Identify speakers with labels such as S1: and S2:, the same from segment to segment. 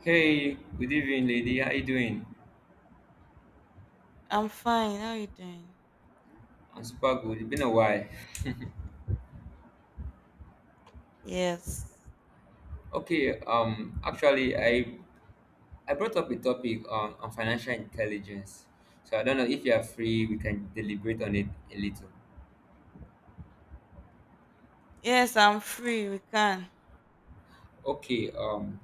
S1: Hey, good evening, lady. How you doing?
S2: I'm fine. How you doing?
S1: I'm super good. It's been a while.
S2: Yes.
S1: Okay, actually, I brought up a topic on financial intelligence. So I don't know if you are free. We can deliberate on it a little.
S2: Yes, I'm free. We can.
S1: Okay. Um,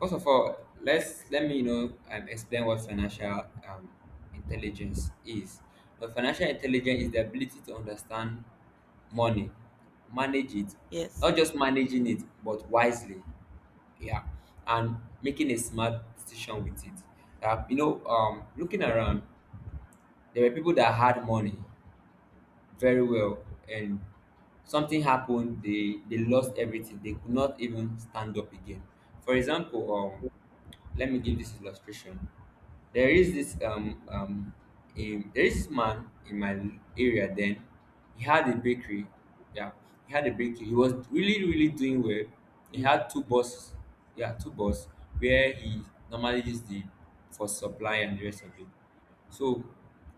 S1: first of all, let me explain what financial intelligence is. But financial intelligence is the ability to understand money, manage it,
S2: Yes.
S1: not just managing it, but wisely, yeah, and making a smart decision with it. Looking around, there were people that had money very well, and something happened. They lost everything. They could not even stand up again. For example, let me give this illustration. There is this um um a, there is this man in my area. Then he had a bakery. Yeah, he had a bakery. He was really doing well. He had two bosses. Yeah, two boss where he normally is the for supply and the rest of it. So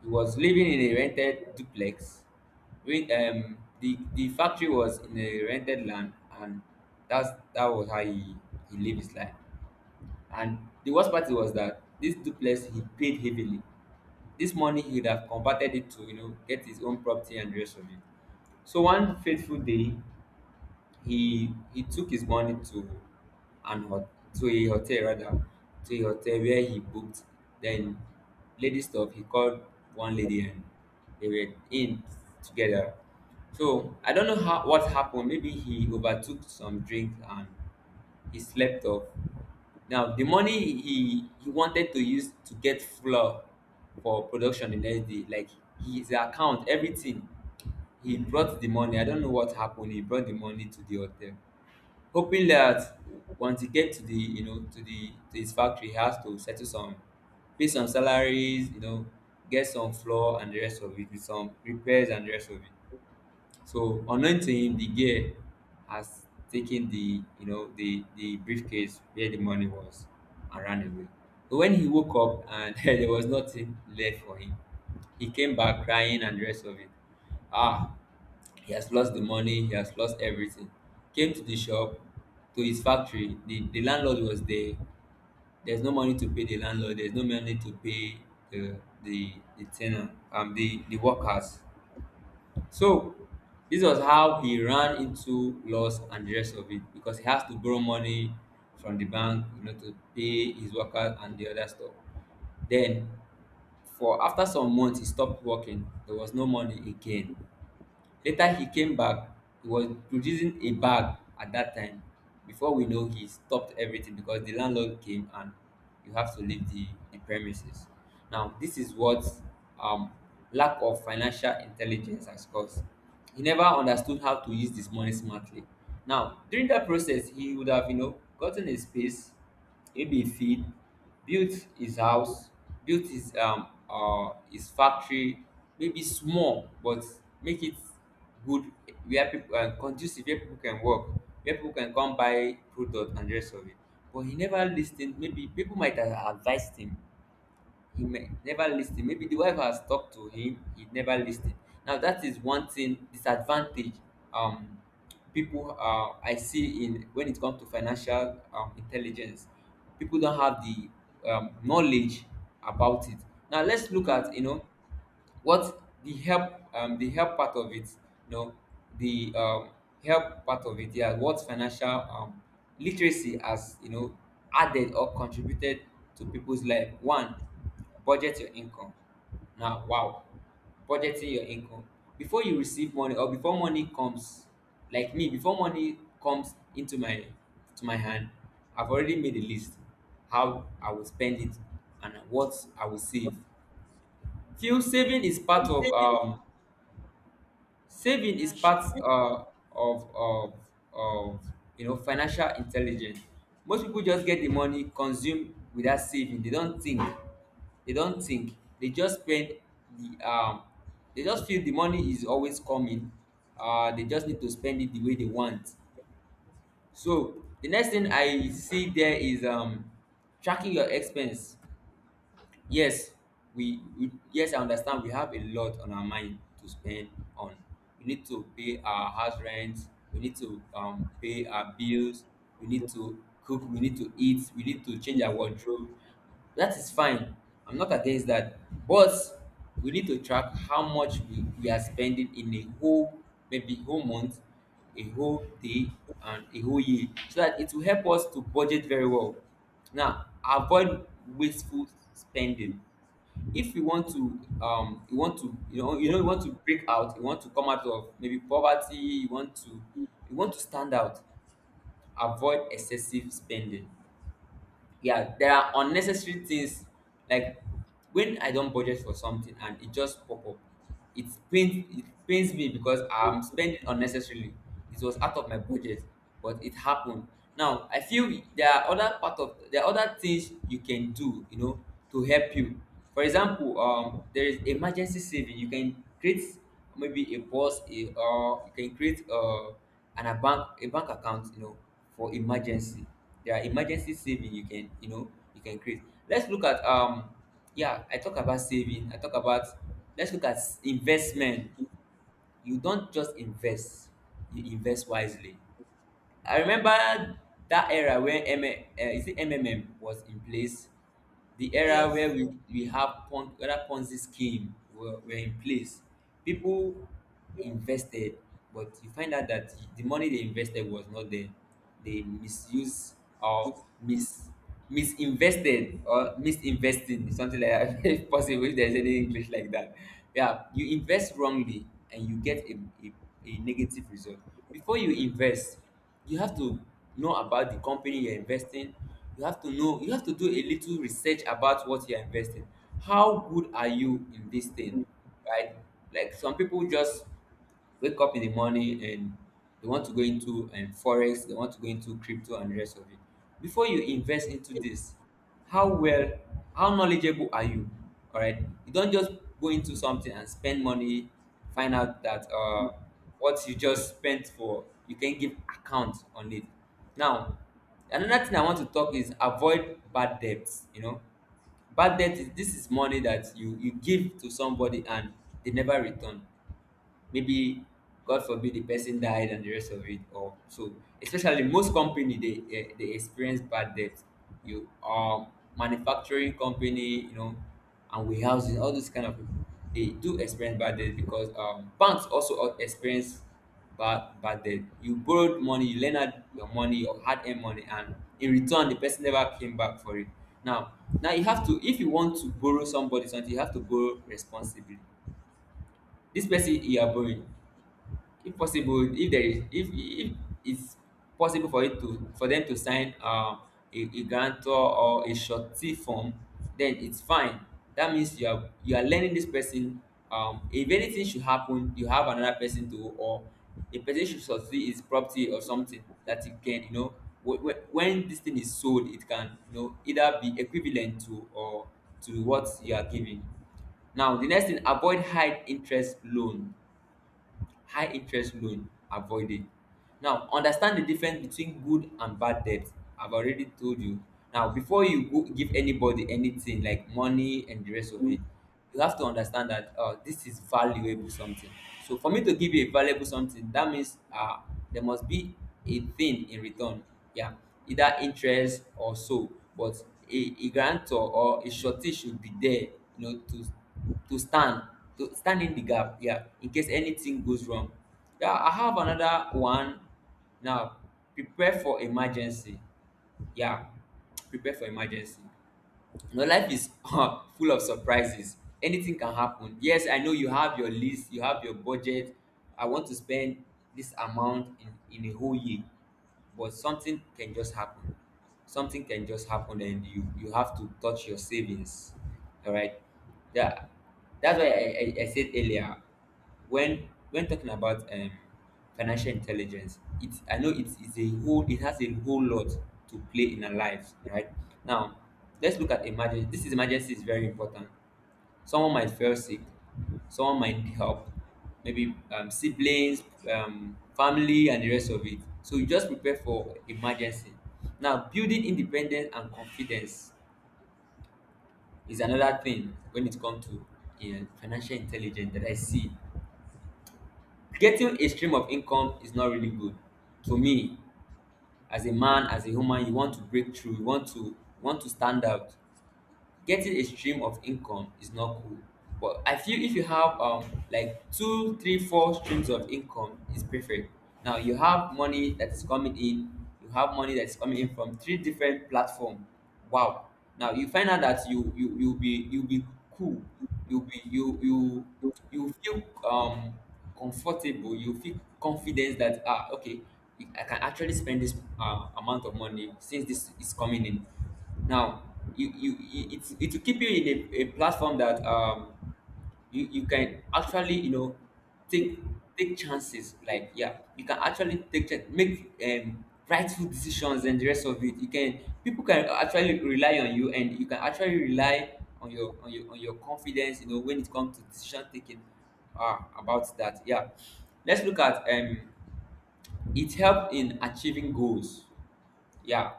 S1: he was living in a rented duplex. When the factory was in a rented land, and that was how he lived his life. And the worst part was that this duplex, he paid heavily. This money, he would have converted it to, you know, get his own property and the rest of it. So one fateful day, he took his money to an hot to a hotel, rather, to a hotel where he booked. Then, lady stuff, he called one lady, and they were in together. So I don't know how what happened. Maybe he overtook some drink and he slept off. Now the money he wanted to use to get flour for production the next day, like, his account, everything. He brought the money. I don't know what happened. He brought the money to the hotel, hoping that once he get to the, you know, to the to his factory, he has to settle some, pay some salaries, you know, get some floor and the rest of it, with some repairs and the rest of it. So unknown to him, the girl has taken the, you know, the briefcase where the money was, and ran away. So when he woke up, and there was nothing left for him. He came back crying and the rest of it. Ah, he has lost the money, he has lost everything. Came to the shop, to his factory, the landlord was there. There's no money to pay the landlord, there's no money to pay the the tenant, the workers. So this was how he ran into loss and the rest of it, because he has to borrow money from the bank, you know, to pay his workers and the other stuff. Then for after some months, he stopped working. There was no money again. Later he came back, he was producing a bag at that time. Before we know, he stopped everything because the landlord came, and you have to leave the premises. Now this is what um lack of financial intelligence has caused. He never understood how to use this money smartly. Now during that process, he would have, you know, gotten a space, Ebefield, built his house, built his factory, maybe small, but make it good, where people, um, conducive, where people can work, where people can come buy product and the rest of it. But he never lis ten, maybe people might have advised him. He never lis ten, maybe the wife has talked to him, he never lis ten. Now that is one thing disadvantage, um people I see in, when it comes to financial intelligence, people don't have the knowledge about it. Now let's look at, you know, what the help, the help part of it, you know, the help part of it. Yeah, what financial literacy has, you know, added or contributed to people's life. One, budget your income. Now wow, budgeting your income before you receive money or before money comes. Like me, before money comes into my to my hand, I've already made a list how I will spend it and what I will save. Still, saving is part of, saving is part,
S2: Financial.
S1: of of of you know, financial intelligence. Most people just get the money, consume without saving. They don't think. They don't think. They just spend the um they just feel the money is always coming. They just need to spend it the way they want. So the next thing I see there is, tracking your expense. Yes, we yes, I understand, we have a lot on our mind to spend on. We need to pay our house rent, we need to, pay our bills, we need to cook, we need to eat, we need to change our wardrobe. That is fine, I'm not against that, but we need to track how much we are spending in a whole, maybe whole month, a whole day, and a whole year, so that it will help us to budget very well. Now avoid wasteful spending. If you want to, you want to, you know, you know, you want to break out, you want to come out of maybe poverty, you want to, you want to stand out, avoid excessive spending. Yeah, there are unnecessary things, like when I don't budget for something and it just pop up, it pains, it pains me, because I'm spending unnecessarily. It was out of my budget, but it happened. Now I feel there are other part of, there are other things you can do, you know, to help you. For example, there is emergency saving you can create, maybe a boss, a, or you can create, an a bank, a bank account, you know, for emergency. There are emergency saving you can, you know, you can create. Let's look at, yeah, I talk about saving, I talk about, let's look at investment. You don't just invest, you invest wisely. I remember that era when is it MMM was in place, the era where
S2: Yes.
S1: we have pon, whether Ponzi scheme were in place, people invested, but you find out that the money they invested was not there. They misuse or mis, misinvested or misinvesting, something like that, if possible, if there's any English like that. Yeah, you invest wrongly and you get a, a negative result. Before you invest, you have to know about the company you're investing, you have to know, you have to do a little research about what you're investing, how good are you in this thing, right? Like some people just wake up in the morning and they want to go into, forex, they want to go into crypto and the rest of it. Before you invest into this, how well, how knowledgeable are you? All right, you don't just go into something and spend money, find out that, what you just spent for, you can give account on it. Now, another thing I want to talk is avoid bad debts. You know, bad debt is, this is money that you give to somebody and they never return. Maybe, god forbid, the person died and the rest of it, or so. Especially most company, they, they experience bad debt. You are manufacturing company, you know, and warehousing, all those kind of people, they do experience bad debt. Because, banks also experience bad, debt. You borrowed money, you lent out your money, your hard-earned money, and in return the person never came back for it. Now, now you have to, if you want to borrow somebody something, you have to borrow responsibly. This person you are borrowing, if possible, if there is, if it's possible for it to, for them to sign, a guarantor or a surety form, then it's fine. That means you are, you are lending this person, if anything should happen, you have another person to, or a person should surety his property or something that he can, you know, when this thing is sold, it can, you know, either be equivalent to, or to what you are giving. Now the next thing, avoid high interest loan. High interest loan avoiding. Now understand the difference between good and bad debt. I've already told you. Now before you go give anybody anything like money and the rest of it, you have to understand that, this is valuable something. So for me to give you a valuable something, that means, there must be a thing in return. Yeah, either interest or so, but a guarantor or a surety should be there, you know, to stand, to stand in the gap, incase anything goes wrong. I have another one. Now, prepare for emergency. um Prepare for emergency. Life is full of surprises. Anything can happen. Yes, I know. You have your list, you have your budget. I want to spend this amount in a whole year. But something can just happen. Something can just happen and you have to touch your savings. All right. Yeah, that's why I said earlier, when talking about financial intelligence, it's I know it has a whole lot to play in our lives, right? Now let's look at emergency. This is Emergency is very important. Someone might feel sick. Someone might need help. Maybe siblings, family and the rest of it, so you just prepare for emergency. Now, building independence and confidence is another thing when it comes to financial intelligence that I see. Getting a stream of income is not really good to me. As a man, as a woman, you want to break through, you want to stand out. Getting a stream of income is not cool. But I feel if you have like two three four streams of income is perfect. Now you have money that is coming in, you have money that's coming in from three different platform. Wow. Now you find out that you'll be cool. you'll be you you you feel um comfortable. You feel confidence that ah, okay, I can actually spend this amount of money since this is coming in. Now, it will keep you in a platform that you can actually, you know, take chances, like, yeah, you can actually make rightful decisions and the rest of it. You can People can actually rely on you and you can actually rely on your confidence, you know, when it comes to decision taking, about that, yeah. Let's look at it helped in achieving goals, yeah.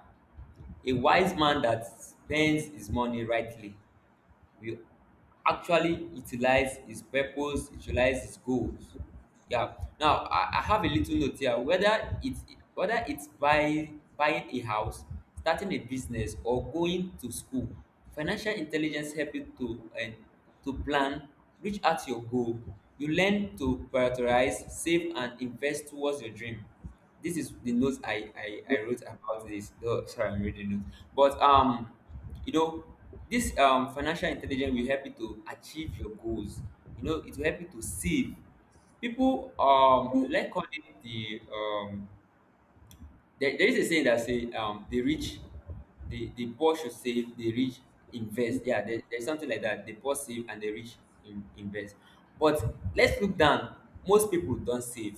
S1: A wise man that spends his money rightly will actually utilize his purpose, utilize his goals. Yeah. Now I have a little note here. Whether it's buying a house, starting a business, or going to school, financial intelligence help you to and to plan, reach out your goal. You learn to prioritize, save, and invest towards your dream. This is the notes I wrote about this. Oh, sorry, I'm reading notes. But you know, this financial intelligence will help you to achieve your goals. You know, it will help you to save. People, like, call it the there is a saying that say the rich, the poor should save, the rich invest. Yeah, there's something like that, the poor save and the rich invest. But let's look down. Most people don't save,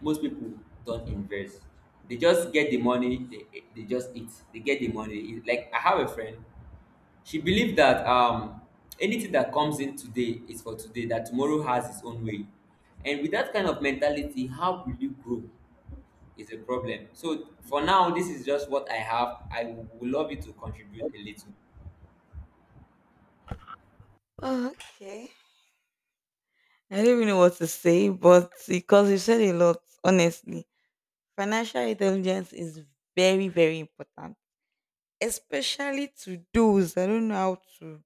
S1: most people don't invest. They just get the money, they just eat, they get the money, they eat. Like, I have a friend. She believed that anything that comes in today is for today, that tomorrow has its own way. And with that kind of mentality, how will you grow is a problem. So for now, this is just what I have. I would love you to contribute a little.
S2: Okay. I don't even know what to say, but because you said a lot, honestly. Financial intelligence is very, very important, especially to those that don't know how to,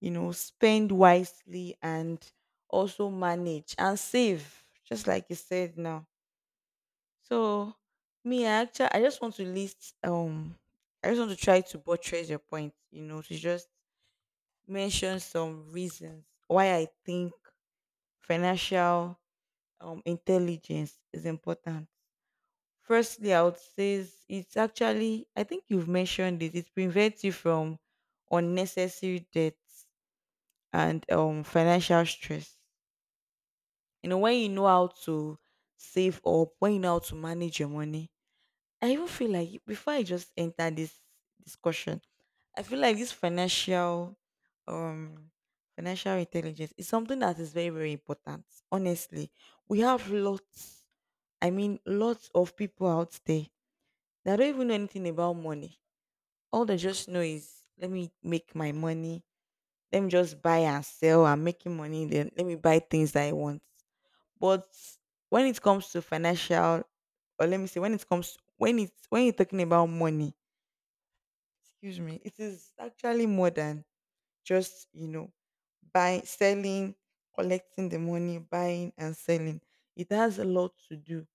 S2: spend wisely and also manage and save, just like you said now. So me, I just want to list I just want to try to buttress your point, to just mention some reasons why I think financial intelligence is important. Firstly, I would say is- it's actually I think you've mentioned it, it prevents you from unnecessary debts and financial stress. You know, when you know how to save up, when you know how to manage your money, I even feel like before I just enter this discussion, I feel like this um financial intelligence is something that is very, very important. Honestly. We have lots, I mean lots of people out there that don't even know anything about money. All they just know is let me make my money, let me just buy and sell. I'm making money, then let me buy things that I want. But when it comes to financial, or let me say when it comes when it's when you're talking about money, excuse me, it is actually more than just, buying, selling, collecting the money, buying and selling. It has a lot to do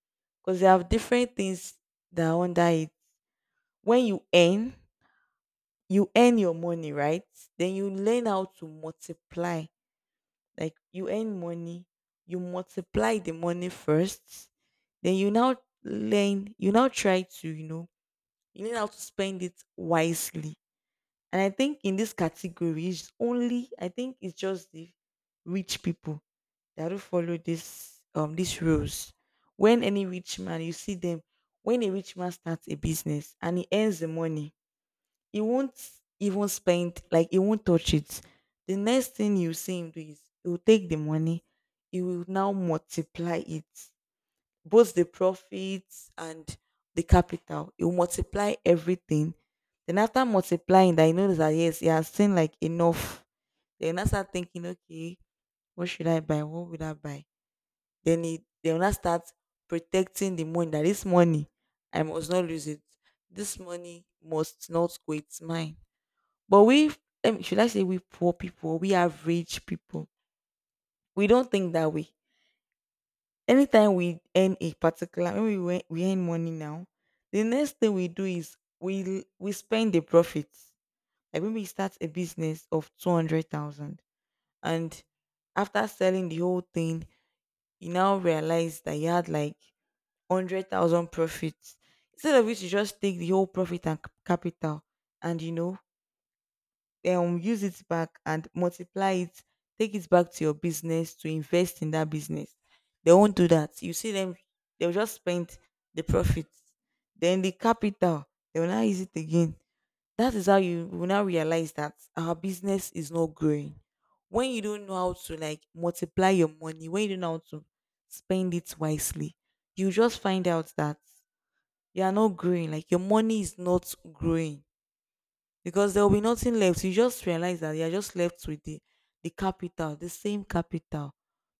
S2: because you have different things that are under it. When you earn your money, right? Then you learn how to multiply. Like you earn money, you multiply the money first, then you now try to, you learn how to spend it wisely. And I think in this category, it's only I think it's just the rich people that do follow this these rules. When any rich man, you see them, when a rich man starts a business and he earns the money, he won't even spend, like he won't touch it. The next thing you see him do is he will take the money, he will now multiply it, both the profits and the capital. It will multiply everything. Then after multiplying that, you notice that yes, you are seen like enough. Then you now start thinking, okay, what should I buy? What would I buy? Then it they will not start protecting the money. That this money, I must not lose it. This money must not go. It's mine. But we, should I say, we poor people? We average people. We don't think that way. Anytime we earn a particular when we went, we earn money now, the next thing we do is we spend the profits. Like when we start a business of 200,000, and after selling the whole thing, you now realize that you had like 100,000 profits. Instead of which, you just take the whole profit and capital, and use it back and multiply it, take it back to your business to invest in that business. They won't do that. You see them, they'll just spend the profits. Then the capital, they will now use it again. That is how you will now realize that our business is not growing. When you don't know how to like multiply your money, when you don't know how to spend it wisely, you just find out that you are not growing. Like your money is not growing because there will be nothing left. You just realize that you're just left with the capital, the same capital.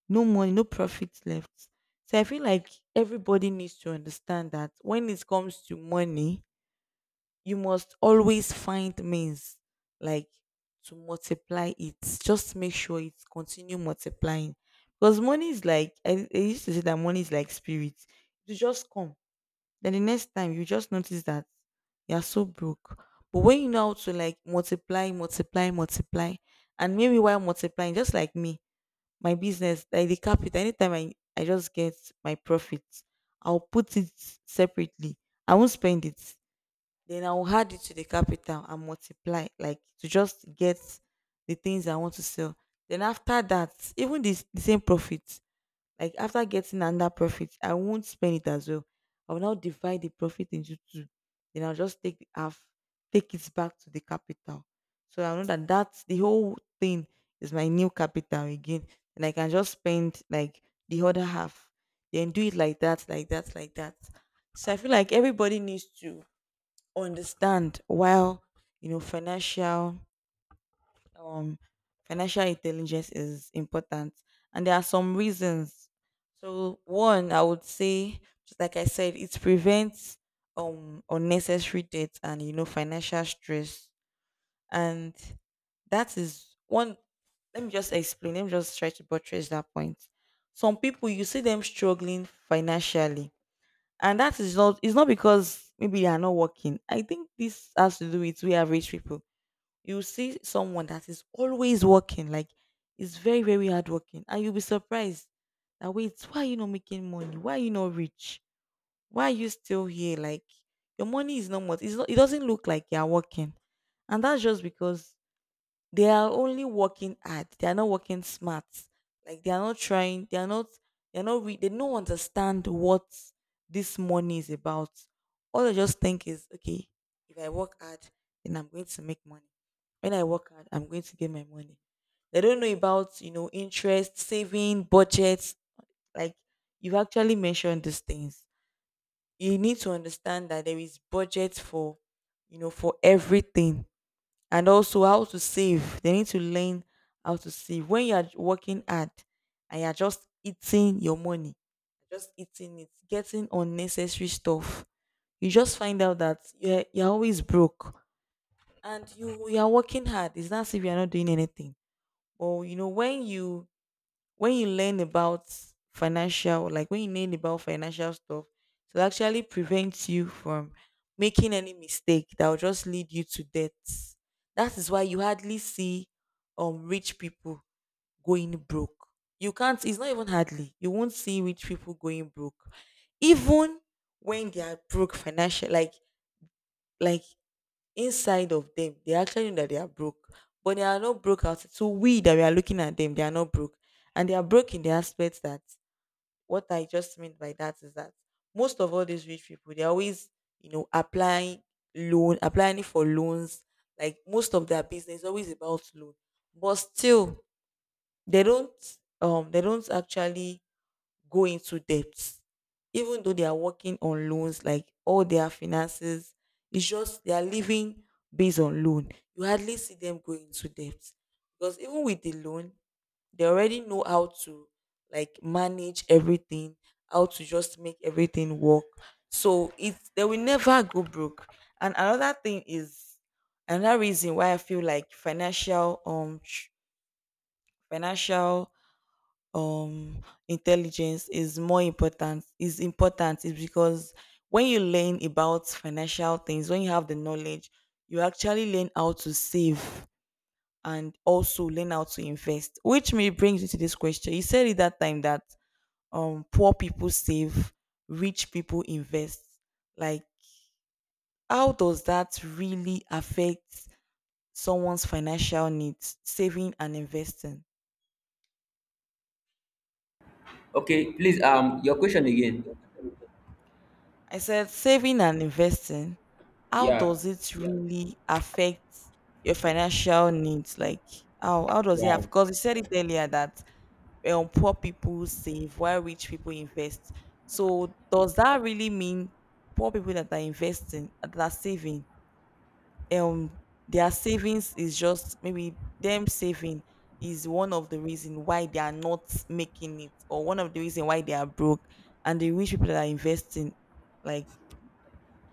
S2: No money, no profit left. So I feel like everybody needs to understand that when it comes to money, you must always find means, like, to multiply it. Just make sure it continue multiplying. Because money is like, I used to say that money is like spirit. It will just come, then the next time you just notice that you're so broke. But when you know how to like multiply, multiply, multiply, and maybe while multiplying, just like me, my business, like the capital, anytime I just get my profits, I'll put it separately. I won't spend it. Then I'll add it to the capital and multiply, like to just get the things I want to sell. Then after that, even this the same profit, like after getting another profit, I won't spend it as well. I will now divide the profit into two. Then I'll just take the half, take it back to the capital. So I know that that's the whole thing is my new capital again. And I can just spend like the other half. Then do it like that, like that, like that. So I feel like everybody needs to understand while, financial um intelligence is important, and there are some reasons. So one, I would say, just like I said, it prevents unnecessary debt and financial stress, and that is one. Let me just try to buttress that point. Some people, you see them struggling financially, and that is not it's not because maybe they are not working. I think this has to do with we average people. You see someone that is always working, like, is very, very hardworking, and you'll be surprised that, wait, why are you not making money? Why are you not rich? Why are you still here? Like, your money is not much. It's not, it doesn't look like you're working, and that's just because they are only working hard. They are not working smart. Like, they are not trying. They are not. They are not. Re- They don't understand what this money is about. All they just think is, okay, if I work hard, then I'm going to make money. When I work hard, I'm going to get my money. They don't know about, interest, saving, budgets. Like, you've actually mentioned these things. You need to understand that there is budget for you know for everything, and also how to save. They need to learn how to save. When you are working hard and you are just eating your money, just eating it, getting unnecessary stuff, you just find out that you're always broke, and you are working hard. It's not as if you are not doing anything. Or, you know, when you learn about financial like when you learn about financial stuff, it will actually prevent you from making any mistake that will just lead you to debt. That is why you hardly see rich people going broke. You can't, it's not even hardly, you won't see rich people going broke. Even when they are broke financially, like inside of them, they actually know that they are broke, but they are not broke out. So we that we are looking at them, they are not broke, and they are broke in the aspect that, what I just meant by that is that, most of all these rich people, they're always, applying loan, applying for loans. Like, most of their business is always about loan, but still they don't they don't actually go into debt, even though they are working on loans. Like, all their finances, it's just they are living based on loan. You hardly see them going into debt, because even with the loan, they already know how to, like, manage everything, how to just make everything work. So it's they will never go broke. And another thing is another reason why I feel like financial sh- financial um intelligence is important is because, when you learn about financial things, when you have the knowledge, you actually learn how to save, and also learn how to invest. Which me brings me to this question. You said it that time that poor people save, rich people invest. Like, how does that really affect someone's financial needs, saving and investing?
S1: Okay, please, your question again.
S2: I said, saving and investing, how
S1: Yeah.
S2: does it really affect your financial needs? Like, how does it have?
S1: Wow.
S2: Because you said it earlier that, poor people save while rich people invest. So, does that really mean poor people that are saving, um, their savings is just maybe them saving is one of the reason why they are not making it, or one of the reason why they are broke, and the rich people that are investing, like,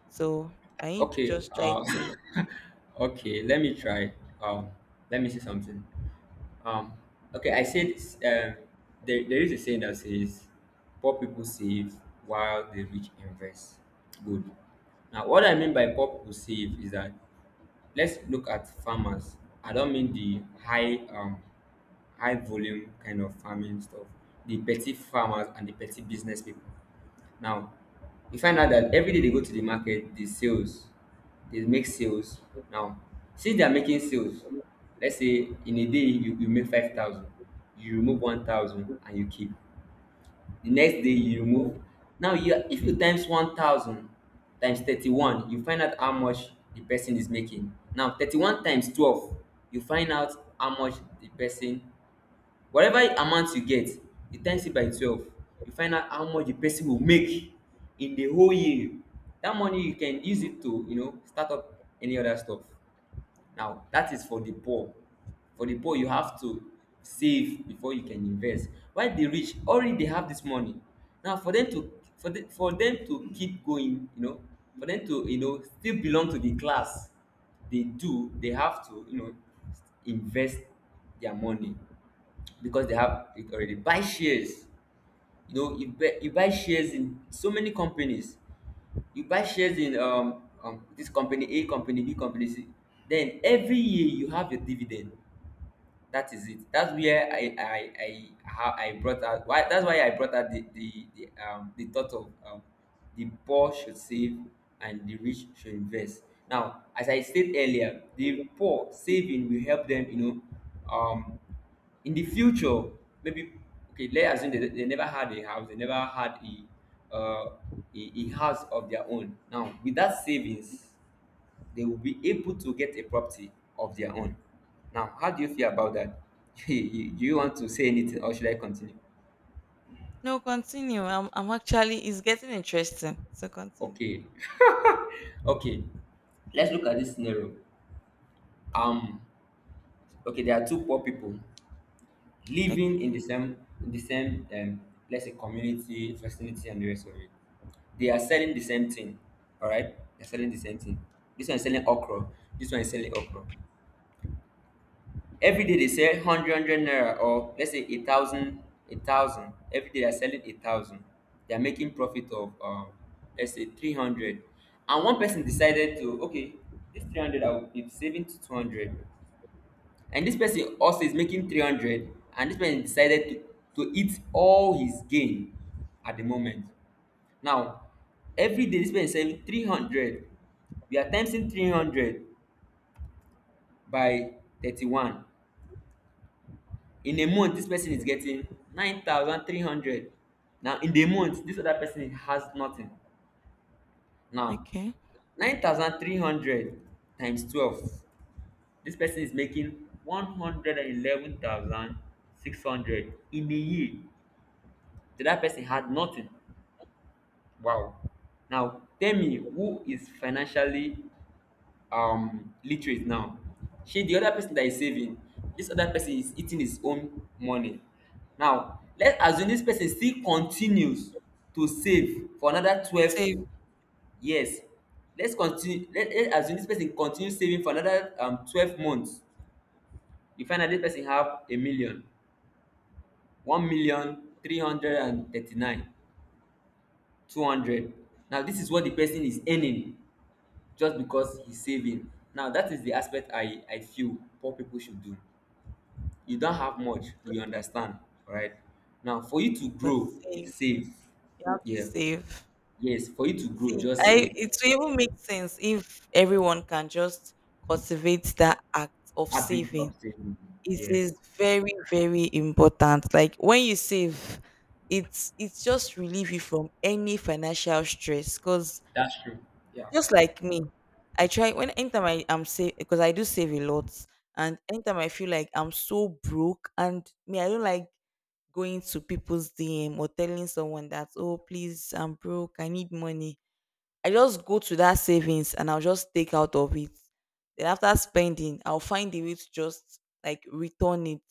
S2: so can you
S1: Okay.
S2: just try to?
S1: Okay, let me try. Um, Let me see something. Um, okay, I said there is a saying that says poor people save while the rich invest. Good. Now, what I mean by poor people save is that, let's look at farmers. I don't mean the high volume kind of farming stuff, the petty farmers and the petty business people. Now, you find out that every day they go to the market, the sales, they make sales. Now, since they are making sales, let's say in a day you make 5,000, you remove 1,000 and you keep. The next day you remove. Now, if you times 1,000 times 31, you find out how much the person is making. Now, 31 times 12, you find out how much the person whatever amount you get, you times it by 12, you find out how much the person will make in the whole year. That money you can use it to, you know, start up any other stuff. Now that is for the poor you have to save before you can invest, while the rich already, they have this money. Now for them to, for them to keep going, you know, for them to, you know, still belong to the class, they have to, you know, invest their money. Because they have it already. Buy shares. You know, you buy shares in so many companies. You buy shares in this company, A company, B company. C. Then every year you have a dividend. That is it. That's where I how I brought out why that's why I brought out the thought of the poor should save and the rich should invest. Now, as I said earlier, the poor saving will help them, you know, um in the future, maybe, okay, let's assume they never had a house, they never had a a house of their own. Now, with that savings, they will be able to get a property of their own. Now, how do you feel about that? Do you want to say anything or should I continue?
S2: No, continue. I'm actually It's getting interesting. So continue.
S1: Okay, okay. Let's look at this scenario. Um, okay, there are two poor people living in
S2: Okay.
S1: the same, let's say, community, vicinity, and the rest of it. They are selling the same thing. All right, they're selling the same thing. This one is selling okra. This one is selling okra. Every day they sell hundred naira, or let's say a thousand a thousand. Every day they're selling a thousand. They're making profit of let's say 300. And one person decided to, okay, this 300 I will be saving to 200. And this person also is making 300, and this person decided to eat all his gain at the moment. Now every day this person is saving 300. We are timesing 300 by 31, in a month this person is getting 9,300. Now in the month this other person has nothing. Now
S2: Okay.
S1: 9,300 times 12, this person is making 111,600 in a year. The other person had nothing. Wow. Now tell me who is financially literate now. She, the other person that is saving. This other person is eating his own money. Now let's assume this person still continues to save for another twelve
S2: Save,
S1: years Let's assume this person continues saving for another 12 months. You find out this person have a million, one million three hundred and thirty-nine, two hundred. Now this is what the person is earning just because he's saving. Now that is the aspect I feel poor people should do. You don have much, we understand. Right. Now for you to
S2: but
S1: grow.
S2: save.
S1: Save.
S2: You have to
S1: Yes.
S2: save.
S1: Yes, for you to grow
S2: See,
S1: just
S2: I
S1: save.
S2: it will even make sense if everyone can just cultivate that act of
S1: Habit of
S2: saving.
S1: saving.
S2: It
S1: Yes.
S2: is very, very important. Like when you save, it's just relieve you from any financial stress because.
S1: That's true. Yeah.
S2: Just like me, I try when anytime I am save because I do save a lot, and anytime I feel like I'm so broke, and me I don't like going to people's DM or telling someone that, "Oh, please, I'm broke, I need money." I just go to that savings and I'll just take out of it. Then after spending, I'll find a way to just like return it.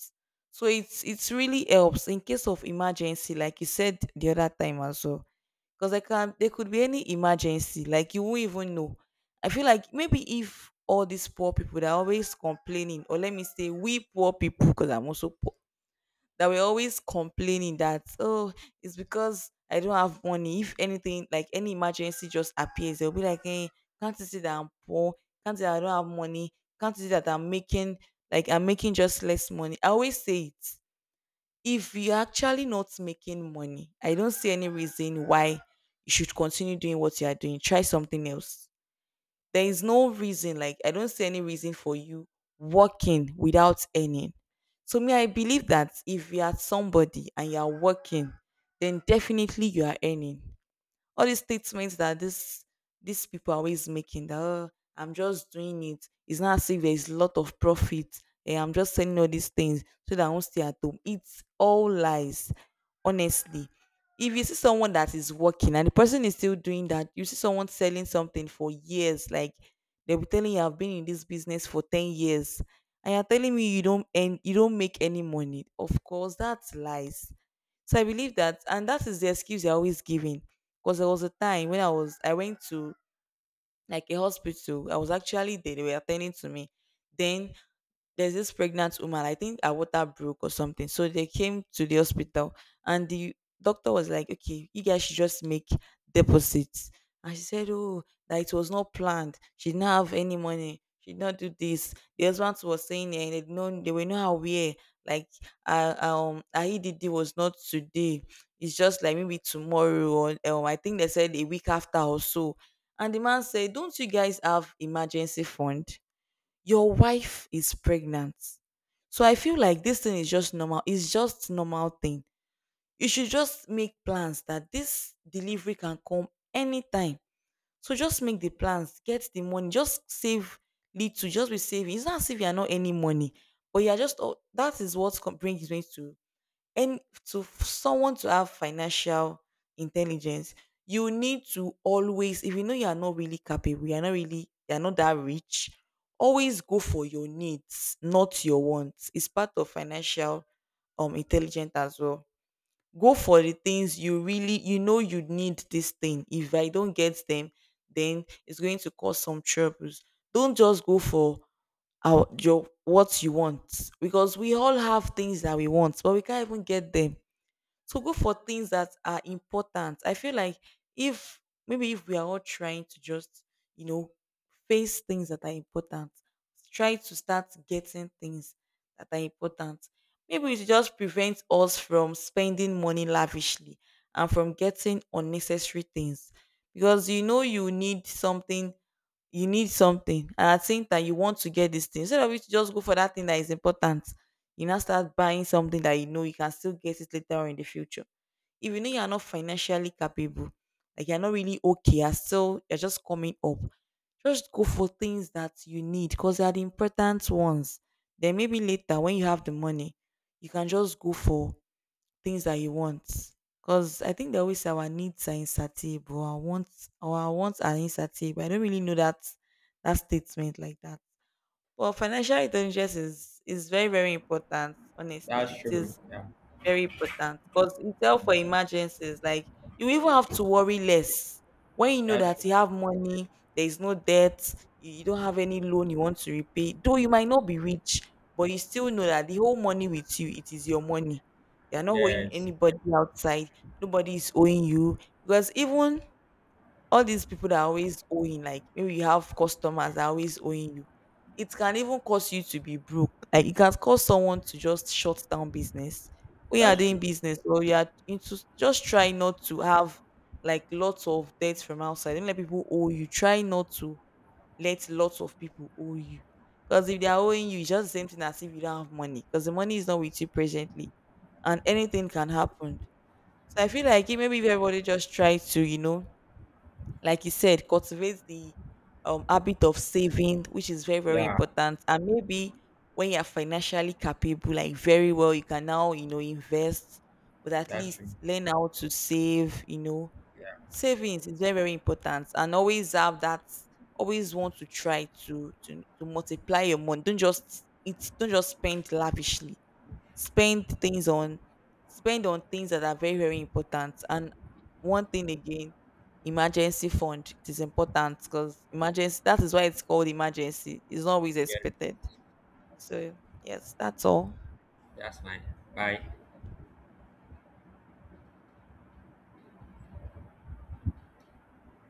S2: So it's really helps in case of emergency, like you said the other time also. 'Cause I can there could be any emergency, like you won't even know. I feel like maybe if all these poor people that are always complaining, or let me say we poor people, because 'cause I'm also poor, that we're always complaining that, "Oh, it's because I don't have money." If anything, like any emergency just appears, they'll be like, "Hey, can't you see that I'm poor? Can't you see that I don't have money? Can't you see that I'm making just less money?" I always say it. If you're actually not making money, I don't see any reason why you should continue doing what you are doing. Try something else. There is no reason, like, I don't see any reason for you working without earning. So, me, I believe that if you are somebody and you are working, then definitely you are earning. All these statements that this these people are always making that, "Oh, I'm just doing it. It's not as if there's a lot of profit. Eh, I'm just saying all these things so that I won't stay at home." It's all lies, honestly. If you see someone that is working and the person is still doing that, you see someone selling something for years, like they'll be telling you, "I've been in this business for 10 years and you're telling me you don't make any money." Of course, that's lies. So I believe that, and that is the excuse they're always giving. Because there was a time when I went to like a hospital. I was actually there. They were attending to me. Then there's this pregnant woman. I think her water broke or something, so they came to the hospital, and the doctor was like, "Okay, you guys should just make deposits." And she said, oh, that it was not planned. She didn't have any money. She did not do this. The husband was saying, eh, they know, they were not aware. Like IEDD was not today. It's just like maybe tomorrow or I think they said a week after or so. And the man said, "Don't you guys have emergency fund? Your wife is pregnant." So I feel like this thing is just normal. It's just normal thing. You should just make plans that this delivery can come anytime. So just make the plans, get the money, just save little, just be saving. It's not as if you are not any money, but you are just, oh, that is what brings me to and someone to have financial intelligence. You need to always, if you know you are not really capable, you are not that rich, always go for your needs, not your wants. It's part of financial intelligent as well. Go for the things you really you need. This thing, if I don't get them, then it's going to cause some troubles. Don't just go for our your what you want, because we all have things that we want but we can't even get them. To go for things that are important. I feel like if maybe if we are all trying to just, you know, face things that are important, try to start getting things that are important. Maybe it just prevents us from spending money lavishly and from getting unnecessary things. Because you need something and at the same time you want to get this thing, instead of you to just go for that thing that is important, you now start buying something that you know you can still get it later on in the future. If you know you're not financially capable, like you're not really okay, you're just coming up, just go for things that you need, because they are the important ones. Then maybe later when you have the money you can just go for things that you want. Because I think they always say our needs are insatiable, our wants are insatiable. I don't really know that statement like that. Well, financial intelligence is very very important.
S1: That's
S2: Honestly, it
S1: true.
S2: is
S1: Yeah.
S2: very important. Because it's help for emergencies. Like you even have to worry less. When you know
S1: That's
S2: that
S1: true.
S2: you have money, there is no debt, you don't have any loan you want to repay. Though you might not be rich, but you still know that the whole money with you, it is your money. You're not owing
S1: Yes.
S2: anybody outside. Nobody is owing you. Because even all these people that are always owing, like maybe you have customers that are always owing you, it can even cause you to be broke. Like it can cause someone to just shut down business. When you are
S1: That's
S2: doing
S1: true.
S2: business or you are into, just try not to have like lots of debts from outside. Don't let people owe you. Try not to let lots of people owe you. Because if they are owing you, it's just the same thing as if you don't have money. Because the money is not with you presently. And anything can happen. So I feel like, eh, maybe if everybody just try to, like you said, cultivate the habit of saving, which is very, very
S1: Yeah.
S2: important. And maybe when you are financially capable, like very well, you can now, invest, but at
S1: That's true.
S2: least learn how to save.
S1: Yeah.
S2: Savings is very, very important. And always have that, always want to try to multiply your money. Don't just spend lavishly. Spend things on, spend on things that are very very important. And one thing again, emergency fund, it is important, because emergency, that is why it's called emergency. It's not always
S1: Yes.
S2: expected. So, yes, that's all.
S1: That's fine. Bye.